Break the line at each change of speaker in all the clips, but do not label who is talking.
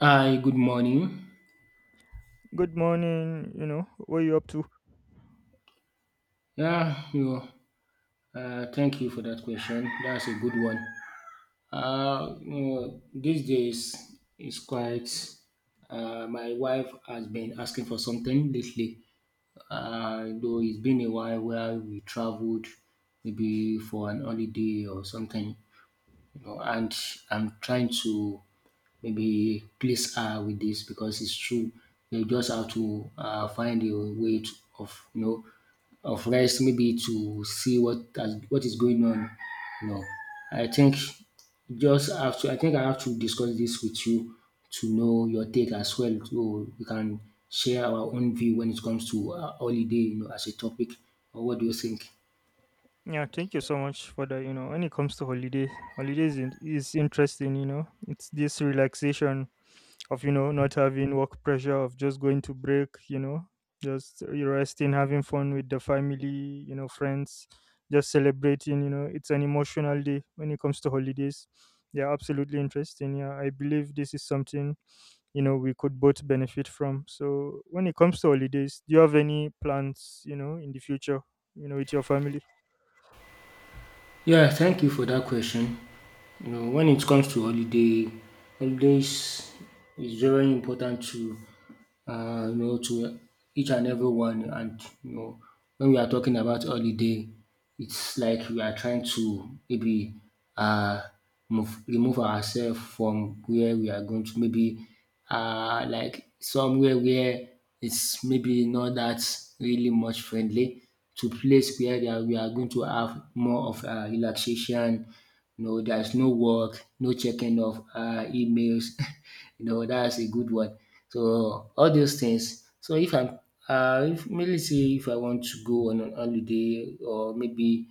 Hi, good morning.
Good morning. What you up to?
Yeah, you know, Thank you for that question. That's a good one. These days it's quite. My wife has been asking for something lately. Though it's been a while where we traveled, maybe for an holiday or something. You know, and I'm trying to maybe please her with this because it's true. You just have to find a way to, of you know of rest, maybe to see what is going on. You know, I think just have to. I think I have to discuss this with you to know your take as well, so we can share our own view when it comes to holiday. You know, as a topic. Or what do you think?
Yeah, thank you so much for that. When it comes to holiday, holidays is interesting. It's this relaxation of not having work pressure, of just going to break, just resting, having fun with the family, friends, just celebrating. It's an emotional day when it comes to holidays. Yeah, absolutely interesting. Yeah, I believe this is something we could both benefit from. So when it comes to holidays, do you have any plans, in the future, with your family?
Yeah, thank you for that question. You know, when it comes to holidays is very important to to each and everyone. And you know, when we are talking about holiday, it's like we are trying to uh, remove ourselves from where we are going to maybe like somewhere where it's maybe not that really much friendly to place where they are we are going to have more of relaxation. You know, there's no work, no checking of emails. You know, that's a good one. So all those things. So if maybe say if I want to go on a holiday or maybe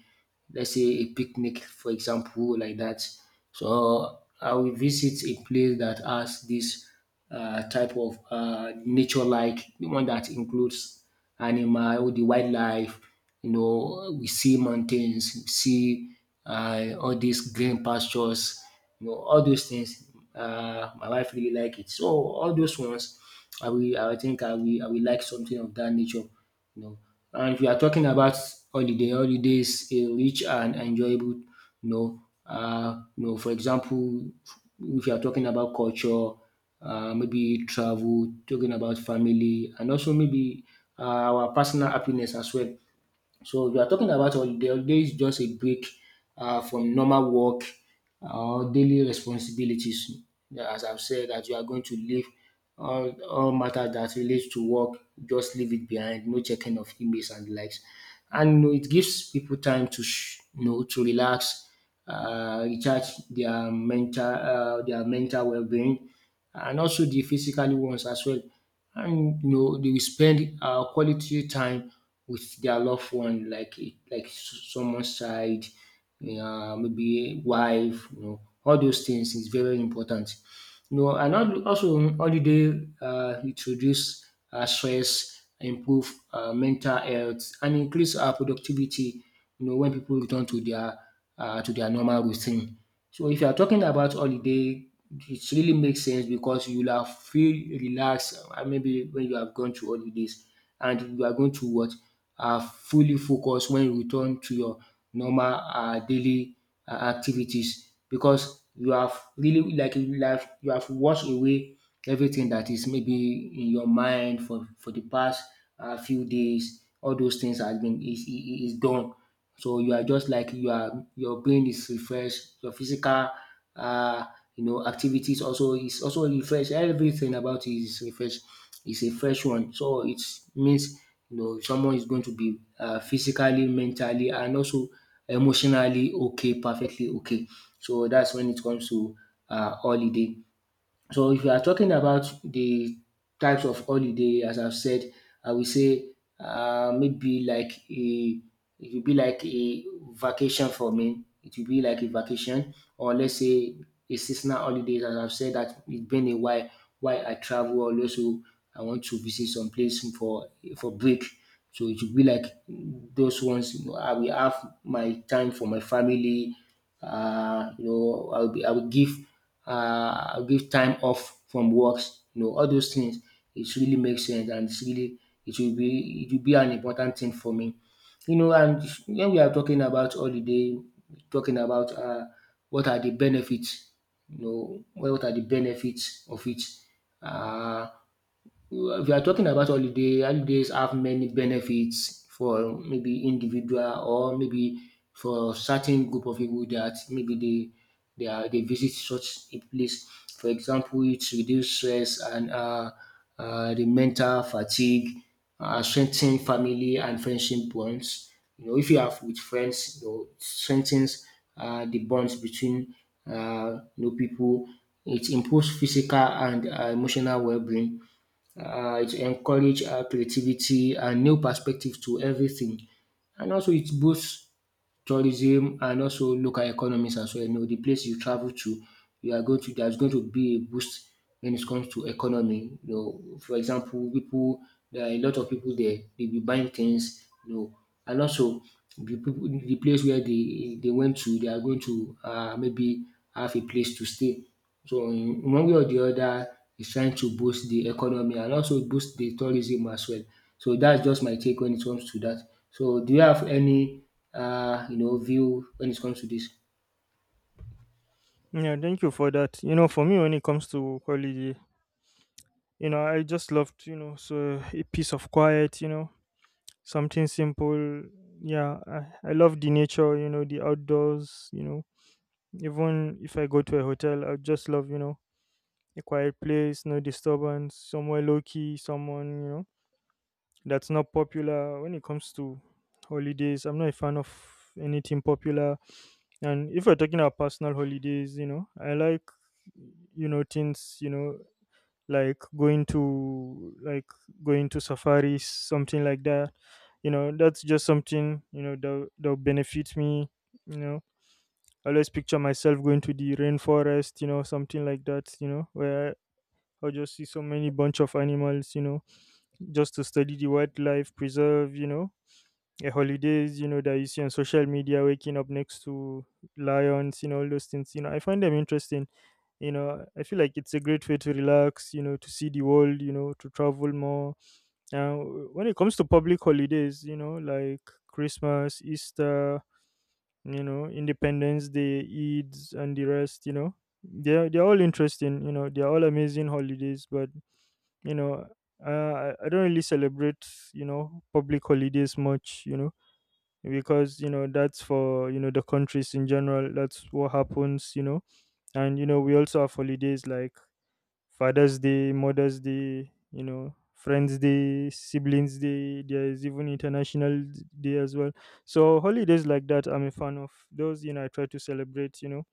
let's say a picnic for example like that. So I will visit a place that has this type of nature like the one that includes animal, all the wildlife, you know, we see mountains, we see all these green pastures, you know, all those things. My wife really like it. So all those ones I think I will like something of that nature, you know. And if you are talking about holiday, holiday is a rich and enjoyable, for example, if you are talking about culture, maybe travel, talking about family, and also maybe uh, our personal happiness as well. So we are talking about holiday. Holiday is just a break from normal work or daily responsibilities. Yeah, as I've said, that you are going to leave all matter that relates to work, just leave it behind. No checking of emails and the likes. And you know, it gives people time to to relax, recharge their mental well being, and also the physical ones as well, and you know they will spend quality time with their loved one, like someone's child, maybe wife. You know, all those things is very important. You know, and also holiday it reduce stress, improve mental health, and increase our productivity. You know, when people return to their normal routine. So if you are talking about holiday, it really makes sense because you'll have feel relaxed. Uh, maybe when you have gone to holidays, and you are going to what fully focus when you return to your normal daily activities because you have really like you have washed away everything that is maybe in your mind for the past few days. All those things has been is done. So you are just like your brain is refreshed, your physical uh you know activities also is also refreshed, everything about you is refreshed, is a fresh one. So it means you know someone is going to be physically, mentally, and also emotionally okay, perfectly okay. So that's when it comes to holiday. So if you are talking about the types of holiday, as I've said, I will say maybe like a it will be like a vacation for me. It will be like a vacation, or let's say a seasonal holiday. As I've said, that it's been a while why I travel always. So I want to visit some place for break. So it will be like those ones. You know, I will have my time for my family. I will give give time off from works. You know, all those things it really makes sense and it will be, an important thing for me. You know, and when we are talking about holiday, talking about what are the benefits, you know, what are the benefits of it. Uh, if you are talking about holiday, holidays have many benefits for maybe individual or maybe for certain group of people that maybe they visit such a place. For example, it reduce stress and the mental fatigue, strengthen family and friendship bonds. You know, if you have with friends, you know, it strengthens the bonds between people. It improves physical and emotional well-being, it encourages creativity and new perspective to everything. And also it boosts tourism and also local economies as well. You know, the place you travel to, you are going to there's going to be a boost when it comes to economy. You know, for example, people there are a lot of people there, they be buying things, you know, and also the place where they went to, they are going to maybe have a place to stay. So in one way or the other is trying to boost the economy and also boost the tourism as well. So that's just my take when it comes to that. So do you have any you know view when it comes to this?
Yeah, thank you for that. For me, when it comes to holiday, I just loved, so a piece of quiet, something simple. Yeah, I love the nature, the outdoors. Even if I go to a hotel, I just love, a quiet place, no disturbance, somewhere low key, someone, that's not popular. When it comes to holidays, I'm not a fan of anything popular. And if we're talking about personal holidays, I like, things, like going to, like going to safaris, something like that. That's just something, that'll benefit me. you know I always picture myself going to the rainforest, something like that, where I'll just see so many bunch of animals, just to study the wildlife preserve. A holidays, that you see on social media, waking up next to lions, all those things, I find them interesting. I feel like it's a great way to relax, to see the world, to travel more. Now, when it comes to public holidays, like Christmas, Easter, Independence Day, Eid, and the rest, they're all interesting, they're all amazing holidays, but, you know, I don't really celebrate, public holidays much, because that's for, the countries in general, that's what happens. And we also have holidays like Father's Day, Mother's Day, Friends Day, Siblings Day. There is even International Day as well. So holidays like that, I'm a fan of those. I try to celebrate, You know,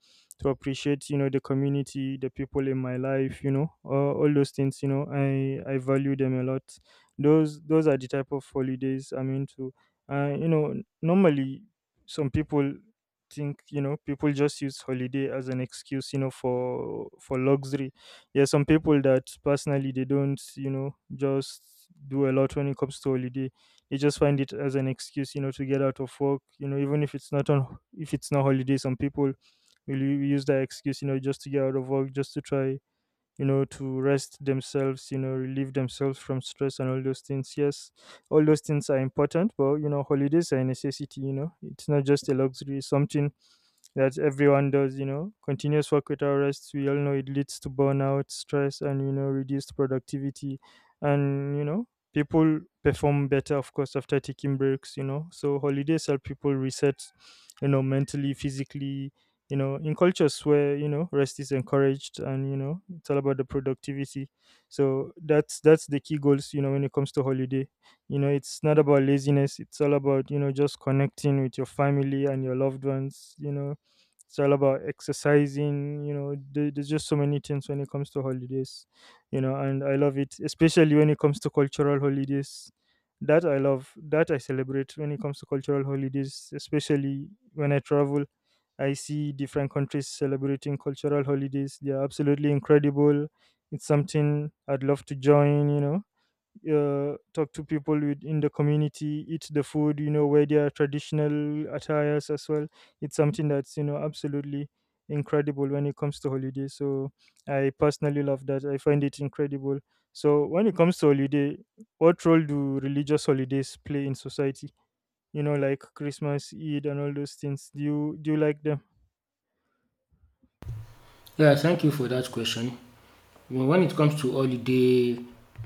to appreciate You know, the community, the people in my life. All those things. I value them a lot. Those are the type of holidays I'm into. Uh, you know, normally some people think people just use holiday as an excuse, for luxury. Yeah, some people that personally they don't, just do a lot when it comes to holiday. They just find it as an excuse, to get out of work. Even if it's not holiday, some people will use that excuse, just to get out of work, just to try, to rest themselves, relieve themselves from stress and all those things. Yes, all those things are important, but holidays are a necessity. It's not just a luxury. It's something that everyone does. Continuous work without rest, we all know it leads to burnout, stress, and, reduced productivity. And, people perform better, of course, after taking breaks. So holidays help people reset, mentally, physically, in cultures where, rest is encouraged and, it's all about the productivity. So that's the key goals, when it comes to holiday. It's not about laziness, it's all about, just connecting with your family and your loved ones, it's all about exercising. There's just so many things when it comes to holidays. And I love it, especially when it comes to cultural holidays, that I love, that I celebrate. When it comes to cultural holidays, especially when I travel, I see different countries celebrating cultural holidays. They are absolutely incredible. It's something I'd love to join. Talk to people with, in the community, eat the food, wear their traditional attires as well. It's something that's, absolutely incredible when it comes to holiday. So I personally love that. I find it incredible. So when it comes to holiday, what role do religious holidays play in society? Like Christmas, Eid, and all those things. Do you like them?
Yeah, thank you for that question. Well, when it comes to holiday,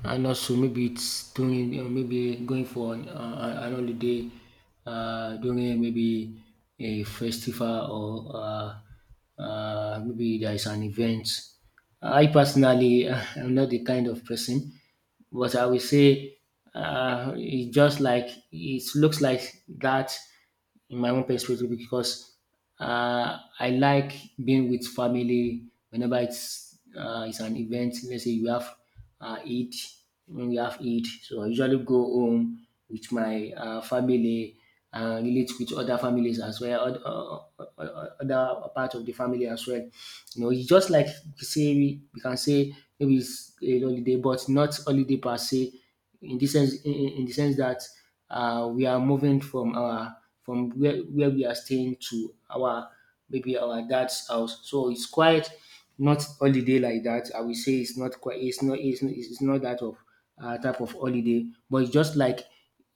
and also maybe it's during, you know, maybe going for an holiday during maybe a festival or maybe there is an event. I personally am not the kind of person, but I will say it's just like it looks like that in my own perspective because I like being with family whenever it's an event. Let's say you have Eid, when we have Eid, so I usually go home with my family and relate with other families as well, other part of the family as well. You know, it's just like we can say maybe it's a holiday, but not holiday per se. In this sense, in the sense that we are moving from our from where we are staying to our maybe our dad's house. So it's quite not holiday like that. I will say it's not quite. It's not. It's not. It's not that of type of holiday, but it's just like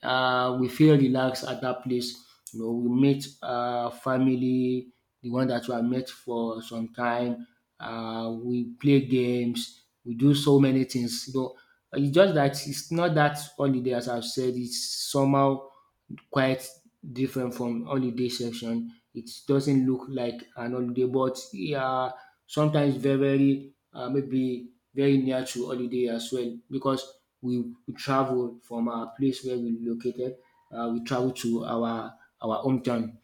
we feel relaxed at that place. You know, we meet family, the one that we have met for some time. We play games. We do so many things. You know, it's just that it's not that holiday as I've said. It's somehow quite different from holiday section. It doesn't look like an holiday, but yeah, sometimes very, very maybe very near to holiday as well because we travel from our place where we located, we travel to our hometown,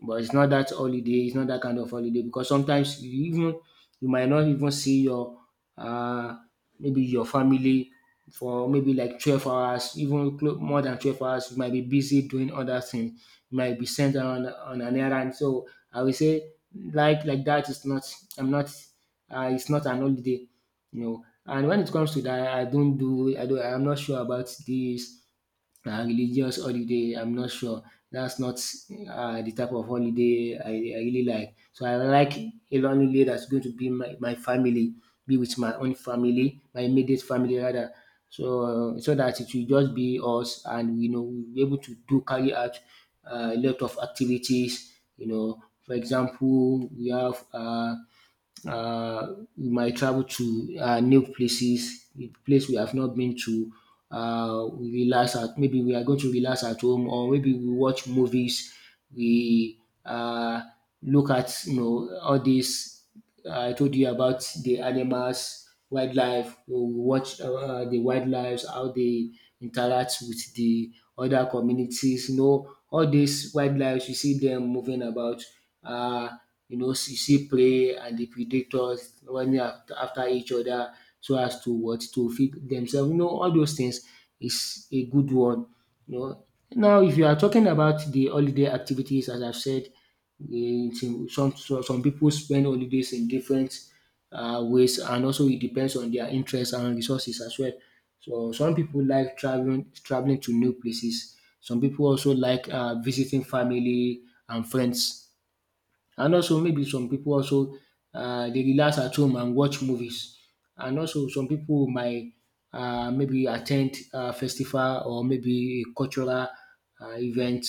but it's not that holiday, it's not that kind of holiday because sometimes you even you might not even see your uh maybe your family for maybe like 12 hours, even more than 12 hours. You might be busy doing other things, you might be sent on an errand. So I will say like that is not, I'm not, it's not an holiday, you know. And when it comes to that, I don't do, I don't, I'm not sure about this religious holiday. I'm not sure. That's not the type of holiday I really like. So I like a long holiday that's going to be my family, be with my own family, my immediate family rather. So that it will just be us, and you know we'll be able to do carry out a lot of activities. You know, for example, we have. We might travel to new places, a place we have not been to. We are going to relax at home, or maybe we watch movies. We look at you know all these. I told you about the animals wildlife. We watch the wildlives, how they interact with the other communities. You know, all these wildlives, you see them moving about. Uh, you know, you see prey and the predators running after each other so as to what to feed themselves. You know, all those things is a good one. You know, now if you are talking about the holiday activities, as I've said, some people spend holidays in different ways and also it depends on their interests and resources as well. So some people like traveling to new places. Some people also like visiting family and friends. And also maybe some people also they relax at home and watch movies. And also some people might maybe attend, ten festival or maybe a cultural event.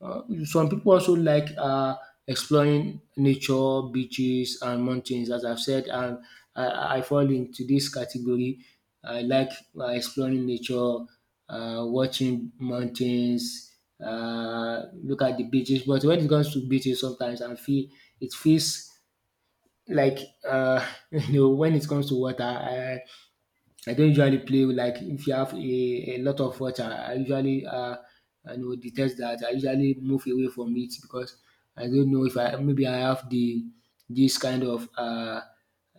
Some people also like exploring nature, beaches and mountains as I've said, and I fall into this category. I like exploring nature, watching mountains, look at the beaches. But when it comes to beaches, sometimes I feel it feels like you know, when it comes to water, I don't usually play with, like, if you have a lot of water, I usually I know detest that. I usually move away from it because I don't know if I, maybe I have the this kind of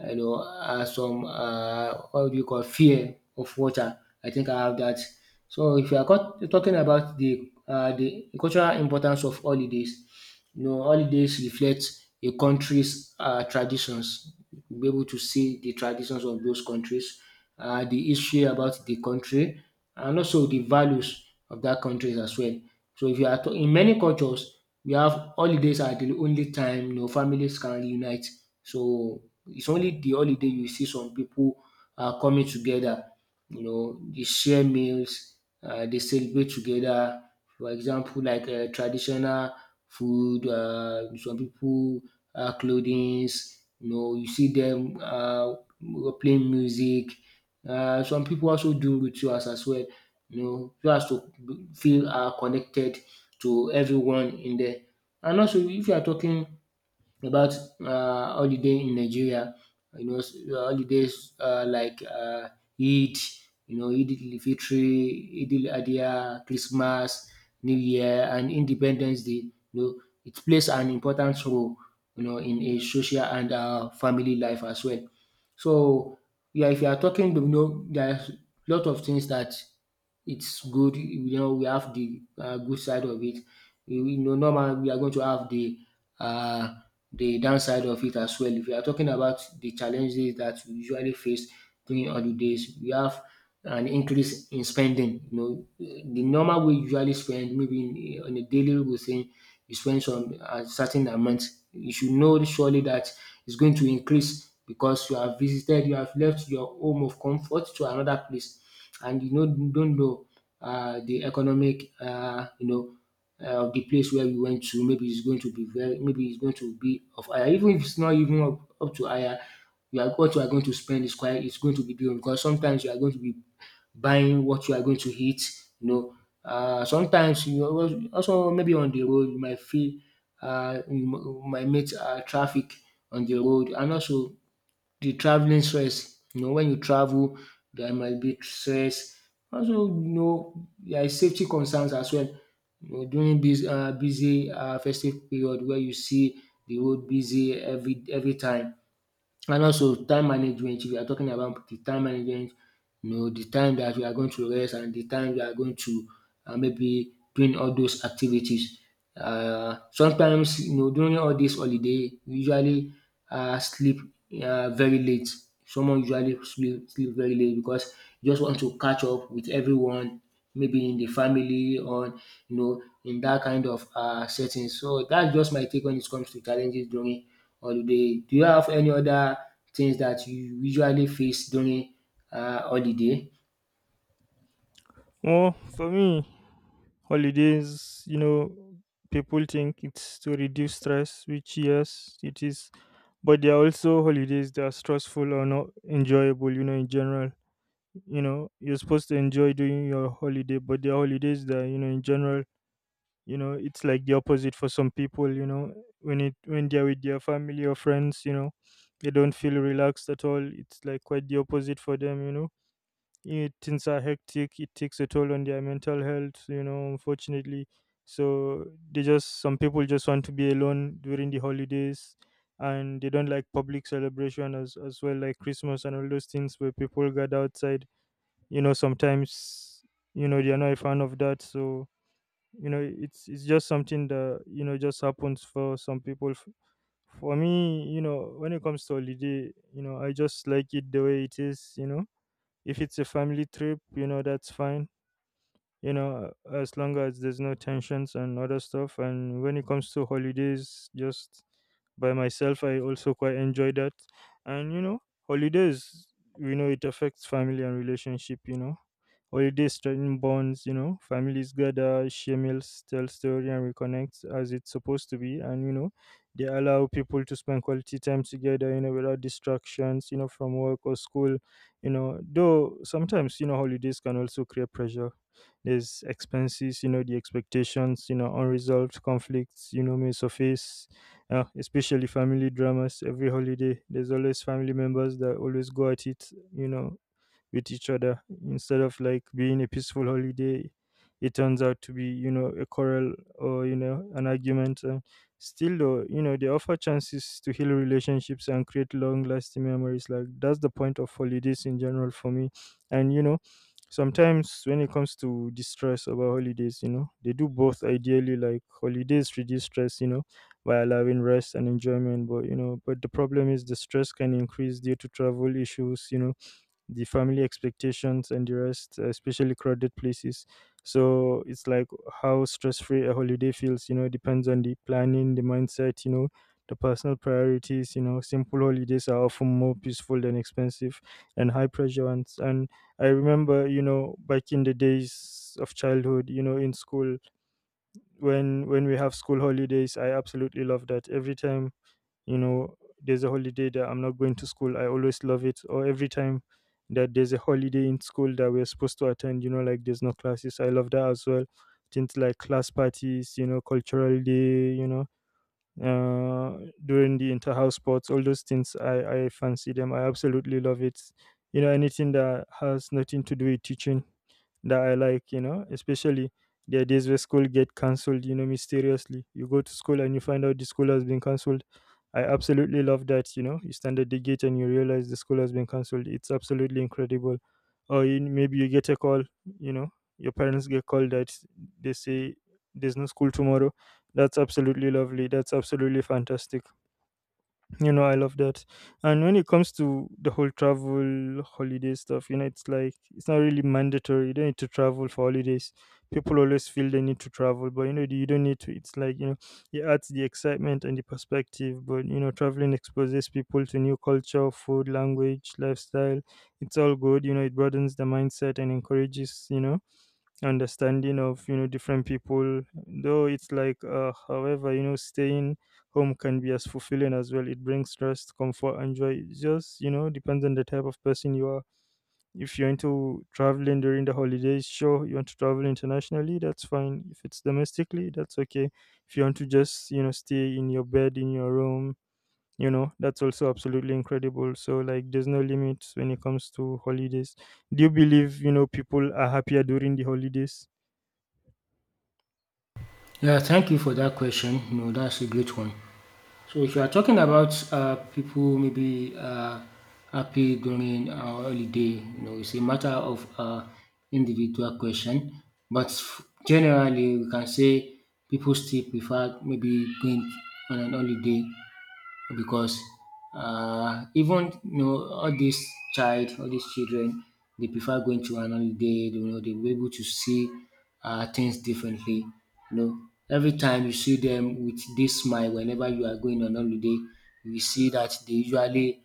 you know, some what do you call fear of water. I think I have that. So if you are talking about the cultural importance of holidays, you know, holidays reflect a country's traditions. You'll be able to see the traditions of those countries, the history about the country, and also the values of that country as well. So, if you are in many cultures, we have holidays are the only time, you know, families can reunite. So it's only the holiday you see some people are coming together. You know, they share meals, they celebrate together. For example, like, traditional food, some people clothings. You know, you see them playing music. Some people also do rituals as well. You know, so as to feel connected to everyone in there. And also, if you are talking about holiday in Nigeria. You know, holidays like, Eid, you know, Eid al-Fitri, Eid al-Adha, Christmas, New Year, and Independence Day. You know, it plays an important role, you know, in a social and family life as well. So, yeah, if you are talking, you know, there's a lot of things that it's good. You know, we have the good side of it. You know, normal we are going to have uh, the downside of it as well. If you are talking about the challenges that we usually face during holidays, we have an increase in spending. You know, the normal way you usually spend, maybe in, on a daily routine, you spend some a certain amount. You should know surely that it's going to increase because you have visited, you have left your home of comfort to another place, and you know don't know the economic, you know, of the place where we went to. Maybe it's going to be very, maybe it's going to be of higher. Even if it's not even up, up to higher, you are what you are going to spend is quite it's going to be doing because sometimes you are going to be buying what you are going to eat. You know, sometimes you also maybe on the road you might feel you might meet traffic on the road, and also the traveling stress. You know, when you travel, there might be stress. Also, you know, there is safety concerns as well. You know, during this busy festive period where you see the road busy every time. And also time management, if you are talking about the time management, you know, the time that you are going to rest and the time you are going to maybe doing all those activities. Sometimes, you know, during all this holiday, we usually sleep very late. Someone usually sleep very late because you just want to catch up with everyone, maybe in the family or, you know, in that kind of setting. So that's just my take when it comes to challenges during holiday. Do you have any other things that you usually face during holiday?
Well, for me, holidays, people think it's to reduce stress, which yes, it is. But there are also holidays that are stressful or not enjoyable, in general. You're supposed to enjoy doing your holiday, but there are holidays that, in general, it's like the opposite for some people, when they're with their family or friends, they don't feel relaxed at all. It's like quite the opposite for them, it things are hectic. It takes a toll on their mental health, unfortunately. So they just, some people just want to be alone during the holidays and they don't like public celebration as well, like Christmas and all those things where people gather outside. Sometimes they are not a fan of that. So, it's just something that, just happens for some people. For me, when it comes to holiday, I just like it the way it is. If it's a family trip, that's fine. As long as there's no tensions and other stuff. And when it comes to holidays, just by myself, I also quite enjoy that. And, holidays, we know it affects family and relationship. Holidays strengthen bonds, families gather, share meals, tell story and reconnect as it's supposed to be. And, they allow people to spend quality time together, without distractions, from work or school, though sometimes, holidays can also create pressure. There's expenses, the expectations, unresolved conflicts, may surface, especially family dramas every holiday. There's always family members that always go at it, you know, with each other instead of like being a peaceful holiday. It turns out to be a quarrel or an argument. And still though, they offer chances to heal relationships and create long lasting memories. Like, that's the point of holidays in general for me. And sometimes when it comes to distress about holidays, they do both ideally. Like, holidays reduce stress, by allowing rest and enjoyment, but but the problem is the stress can increase due to travel issues, the family expectations and the rest, especially crowded places. So it's like how stress free a holiday feels, depends on the planning, the mindset, the personal priorities. Simple holidays are often more peaceful than expensive and high pressure ones. And I remember, back in the days of childhood, in school, when we have school holidays, I absolutely love that. Every time there's a holiday that I'm not going to school, I always love it. Or every time that there's a holiday in school that we're supposed to attend, like there's no classes, I love that as well. Things like class parties, cultural day, uh during the inter-house sports, all those things, I fancy them. I absolutely love it. Anything that has nothing to do with teaching, that I like, especially there are days where school get cancelled, mysteriously. You go to school and you find out the school has been cancelled. I absolutely love that. You stand at the gate and you realize the school has been cancelled. It's absolutely incredible. Or you, maybe you get a call, you know, your parents get called that they say there's no school tomorrow. That's absolutely lovely. That's absolutely fantastic, I love that. And when it comes to the whole travel holiday stuff, it's like it's not really mandatory. You don't need to travel for holidays. People always feel they need to travel, but you don't need to. It's like, it adds the excitement and the perspective. But traveling exposes people to new culture, food, language, lifestyle. It's all good. It broadens the mindset and encourages, understanding of different people, though it's like however, staying home can be as fulfilling as well. It brings rest, comfort and joy. It just, depends on the type of person you are. If you're into traveling during the holidays, sure, you want to travel internationally, that's fine. If it's domestically, that's okay. If you want to just, stay in your bed, in your room, that's also absolutely incredible. So like there's no limits when it comes to holidays. Do you believe people are happier during the holidays?
Yeah, thank you for that question. No, that's a great one. So if you are talking about people maybe happy during holiday, you know, it's a matter of individual question. But generally, we can say people still prefer maybe going on an holiday because, even you know all these child all these children, they prefer going to an holiday. You know, they dey able to see things differently. You know, every time you see them with this smile, whenever you are going on holiday, you will see that they usually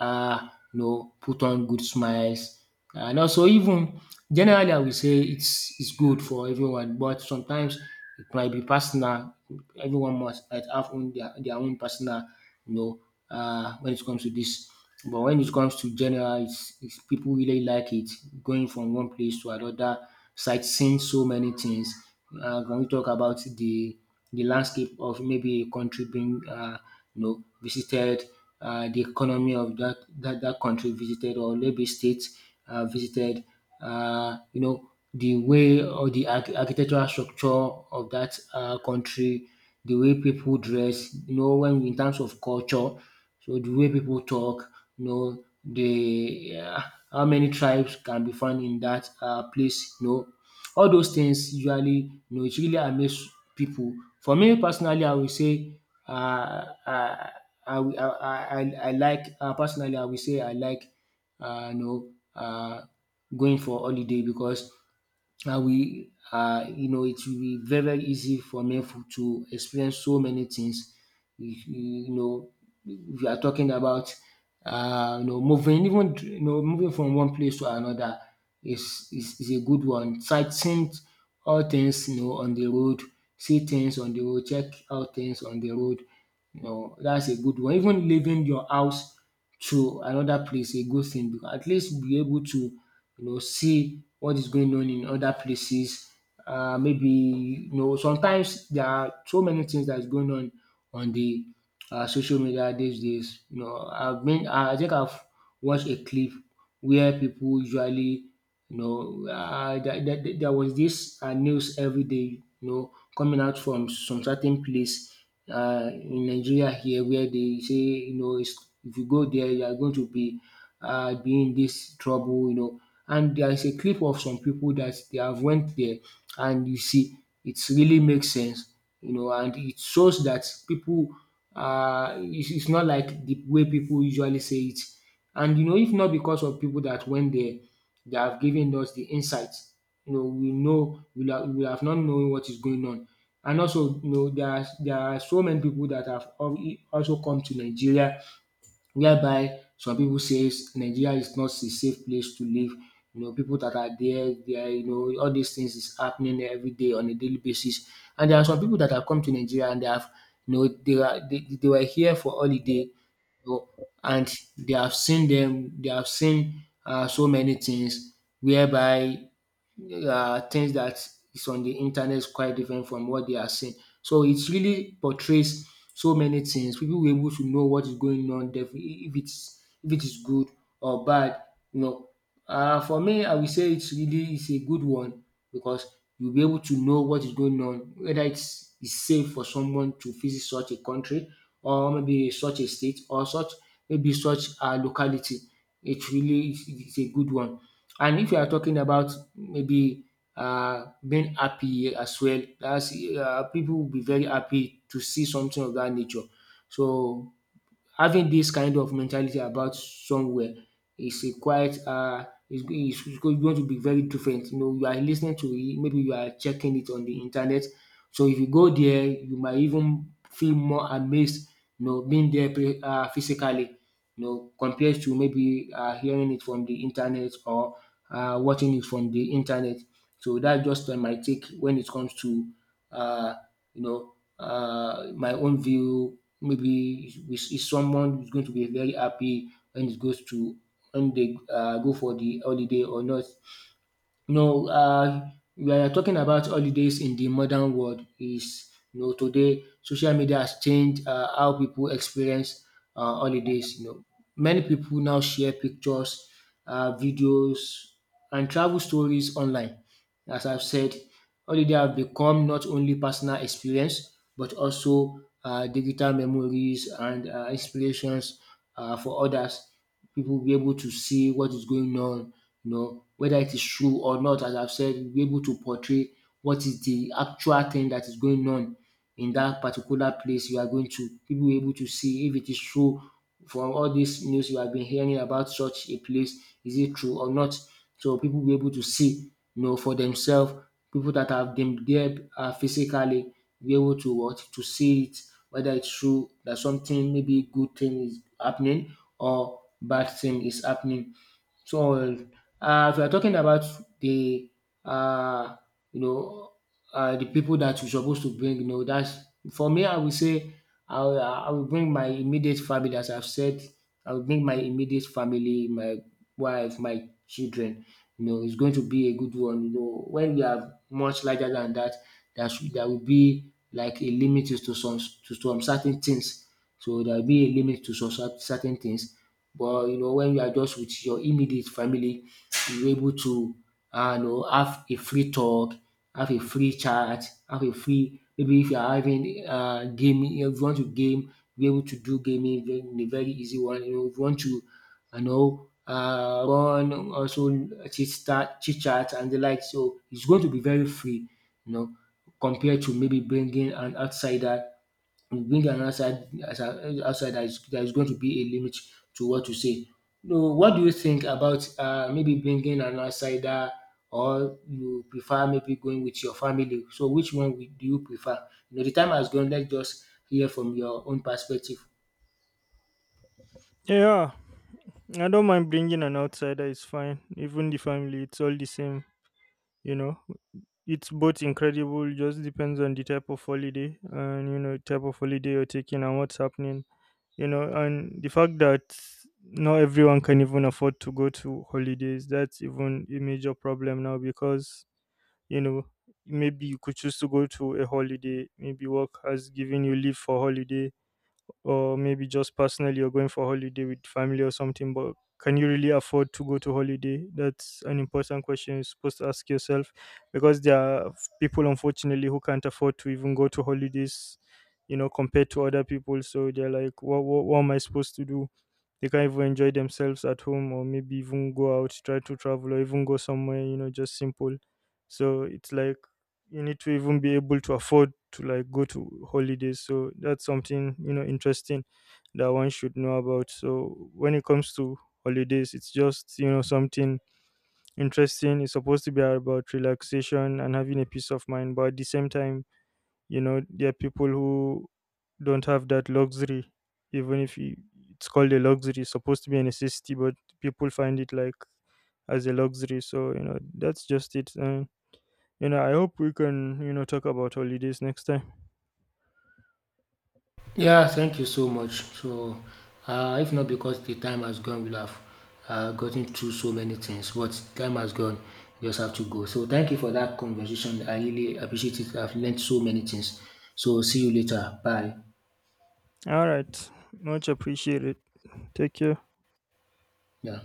you know, put on good smiles. And also even generally I will say it's good for everyone, but sometimes it might be personal. Everyone must might have own their own personal, you know, when it comes to this. But when it comes to general, it's people really like it, going from one place to another, sightseeing so many things. Can we talk about the landscape of maybe a country being, you know, visited, the economy of that, that country visited, or maybe state visited. You know, the way or the architectural structure of that country, the way people dress. You know, when in terms of culture, so the way people talk. You know the how many tribes can be found in that place. You know all those things usually, you know, it really amaze people. For me personally I will say uh, uh, I I I like, personally I will say I like you know um going for holiday because I will you know it will be very very easy for me to experience so many things. If if you are talking about you know moving, even you know moving from one place to another is a good one. Sight-seeing all things you know on the road, see things on the road, check out things on the road. You know, that's a good one. Even leaving your house to another place a good thing, because at least you be able to you know see what is going on in other places. Maybe you know sometimes there are so many things that's going on the social media these days. You know, I think I've watched a clip where people usually you know, there was this news every day, you know, coming out from some certain place in Nigeria here, where they say, you know, it's, if you go there, you are going to be in this trouble, you know. And there is a clip of some people that they have went there, and you see, it really makes sense, you know, and it shows that people, it's not like the way people usually say it. And you know, if not because of people that went there, they have given us the insights. You know we will have not known what is going on. And also, you know, there are so many people that have also come to Nigeria, whereby some people says Nigeria is not a safe place to live. You know, people that are there, they are, you know, all these things is happening everyday on a daily basis, and there are some people that have come to Nigeria and they have, you know, they are they were here for holiday, you know, and they have seen them. They have seen so many things whereby things that is on the internet is quite different from what they are seeing. So it really portrays so many things. People will be able to know what is going on there, if it's if it is good or bad. You know, for me I will say it's really it's a good one because you'll be able to know what is going on, whether it's safe for someone to visit such a country or maybe such a state or such maybe such a locality. It really is a good one. And if you are talking about maybe being happy as well. That's people will be very happy to see something of that nature. So having this kind of mentality about somewhere is a quite is is going to be very different. You know, you are listening to it, maybe you are checking it on the internet. So if you go there, you might even feel more amazed, you know, being there physically, you know, compared to maybe hearing it from the internet or watching it from the internet. So that's just my take when it comes to uh you know my own view. Maybe is someone who's going to be very happy when it goes to when they go for the holiday or not. No, we are talking about holidays in the modern world is, you know, today social media has changed, how people experience holidays. You know, many people now share pictures, videos, and travel stories online. As I've said, holiday have become not only personal experience but also digital memories and inspirations for others. People will be able to see what is going on, you know, whether it is true or not. As I've said, we'll be able to portray what is the actual thing that is going on in that particular place you are going to. People will be able to see if it is true from all this news you have been hearing about such a place. Is it true or not? So people will be able to see, you know, for themselves, people that have been there physically, be able to what to see it, whether it's true that something maybe good thing is happening or bad thing is happening. So, if we are talking about the uh, you know the people that you're supposed to bring, you know, that's for me. I will say I will bring my immediate family, as I've said. I will bring my immediate family, my wife, my children. You know, it's going to be a good one. You know, when we are much larger than that, that there will be like a limit to some certain things. So there will be a limit to certain things. But you know, when you are just with your immediate family, you're able to have a free talk, have a free chat, have a free, maybe if you are having gaming, if you want to game, be able to do gaming very in a very easy one. You know, if you want to, you know, run also chit chat and the like. So it's going to be very free, you know, compared to maybe bringing an outsider. Being an outside as an outsider is there, is going to be a limit to what you say. No, what do you think about maybe bringing an outsider or you prefer maybe going with your family? So which one do you prefer? You know, the time has gone, let's just hear from your own perspective.
Yeah, I don't mind bringing an outsider. It's fine. Even the family, it's all the same. You know, it's both incredible. Just depends on the type of holiday and type of holiday you're taking and what's happening. And the fact that not everyone can even afford to go to holidays. That's even a major problem now, because you know maybe you could choose to go to a holiday. Maybe work has given you leave for holiday, or maybe just personally you're going for holiday with family or something. But can you really afford to go to holiday? That's an important question you're supposed to ask yourself, because there are people, unfortunately, who can't afford to even go to holidays, compared to other people. So they're like, what am I supposed to do? They can't even enjoy themselves at home or maybe even go out, try to travel or even go somewhere, just simple. So it's like you need to even be able to afford to like go to holidays. So that's something, interesting, that one should know about. So when it comes to holidays, it's just, something interesting. It's supposed to be about relaxation and having a peace of mind, but at the same time, there are people who don't have that luxury. Even if you, It's called a luxury, it's supposed to be a necessity, but people find it like as a luxury. So that's just it. I hope we can, talk about holidays next time.
Yeah, thank you so much. So, if not because the time has gone, we'll have gotten through so many things, but time has gone. We just have to go. So, thank you for that conversation. I really appreciate it. I've learned so many things. So, see you later. Bye.
All right. Much appreciated. Take care.
Yeah.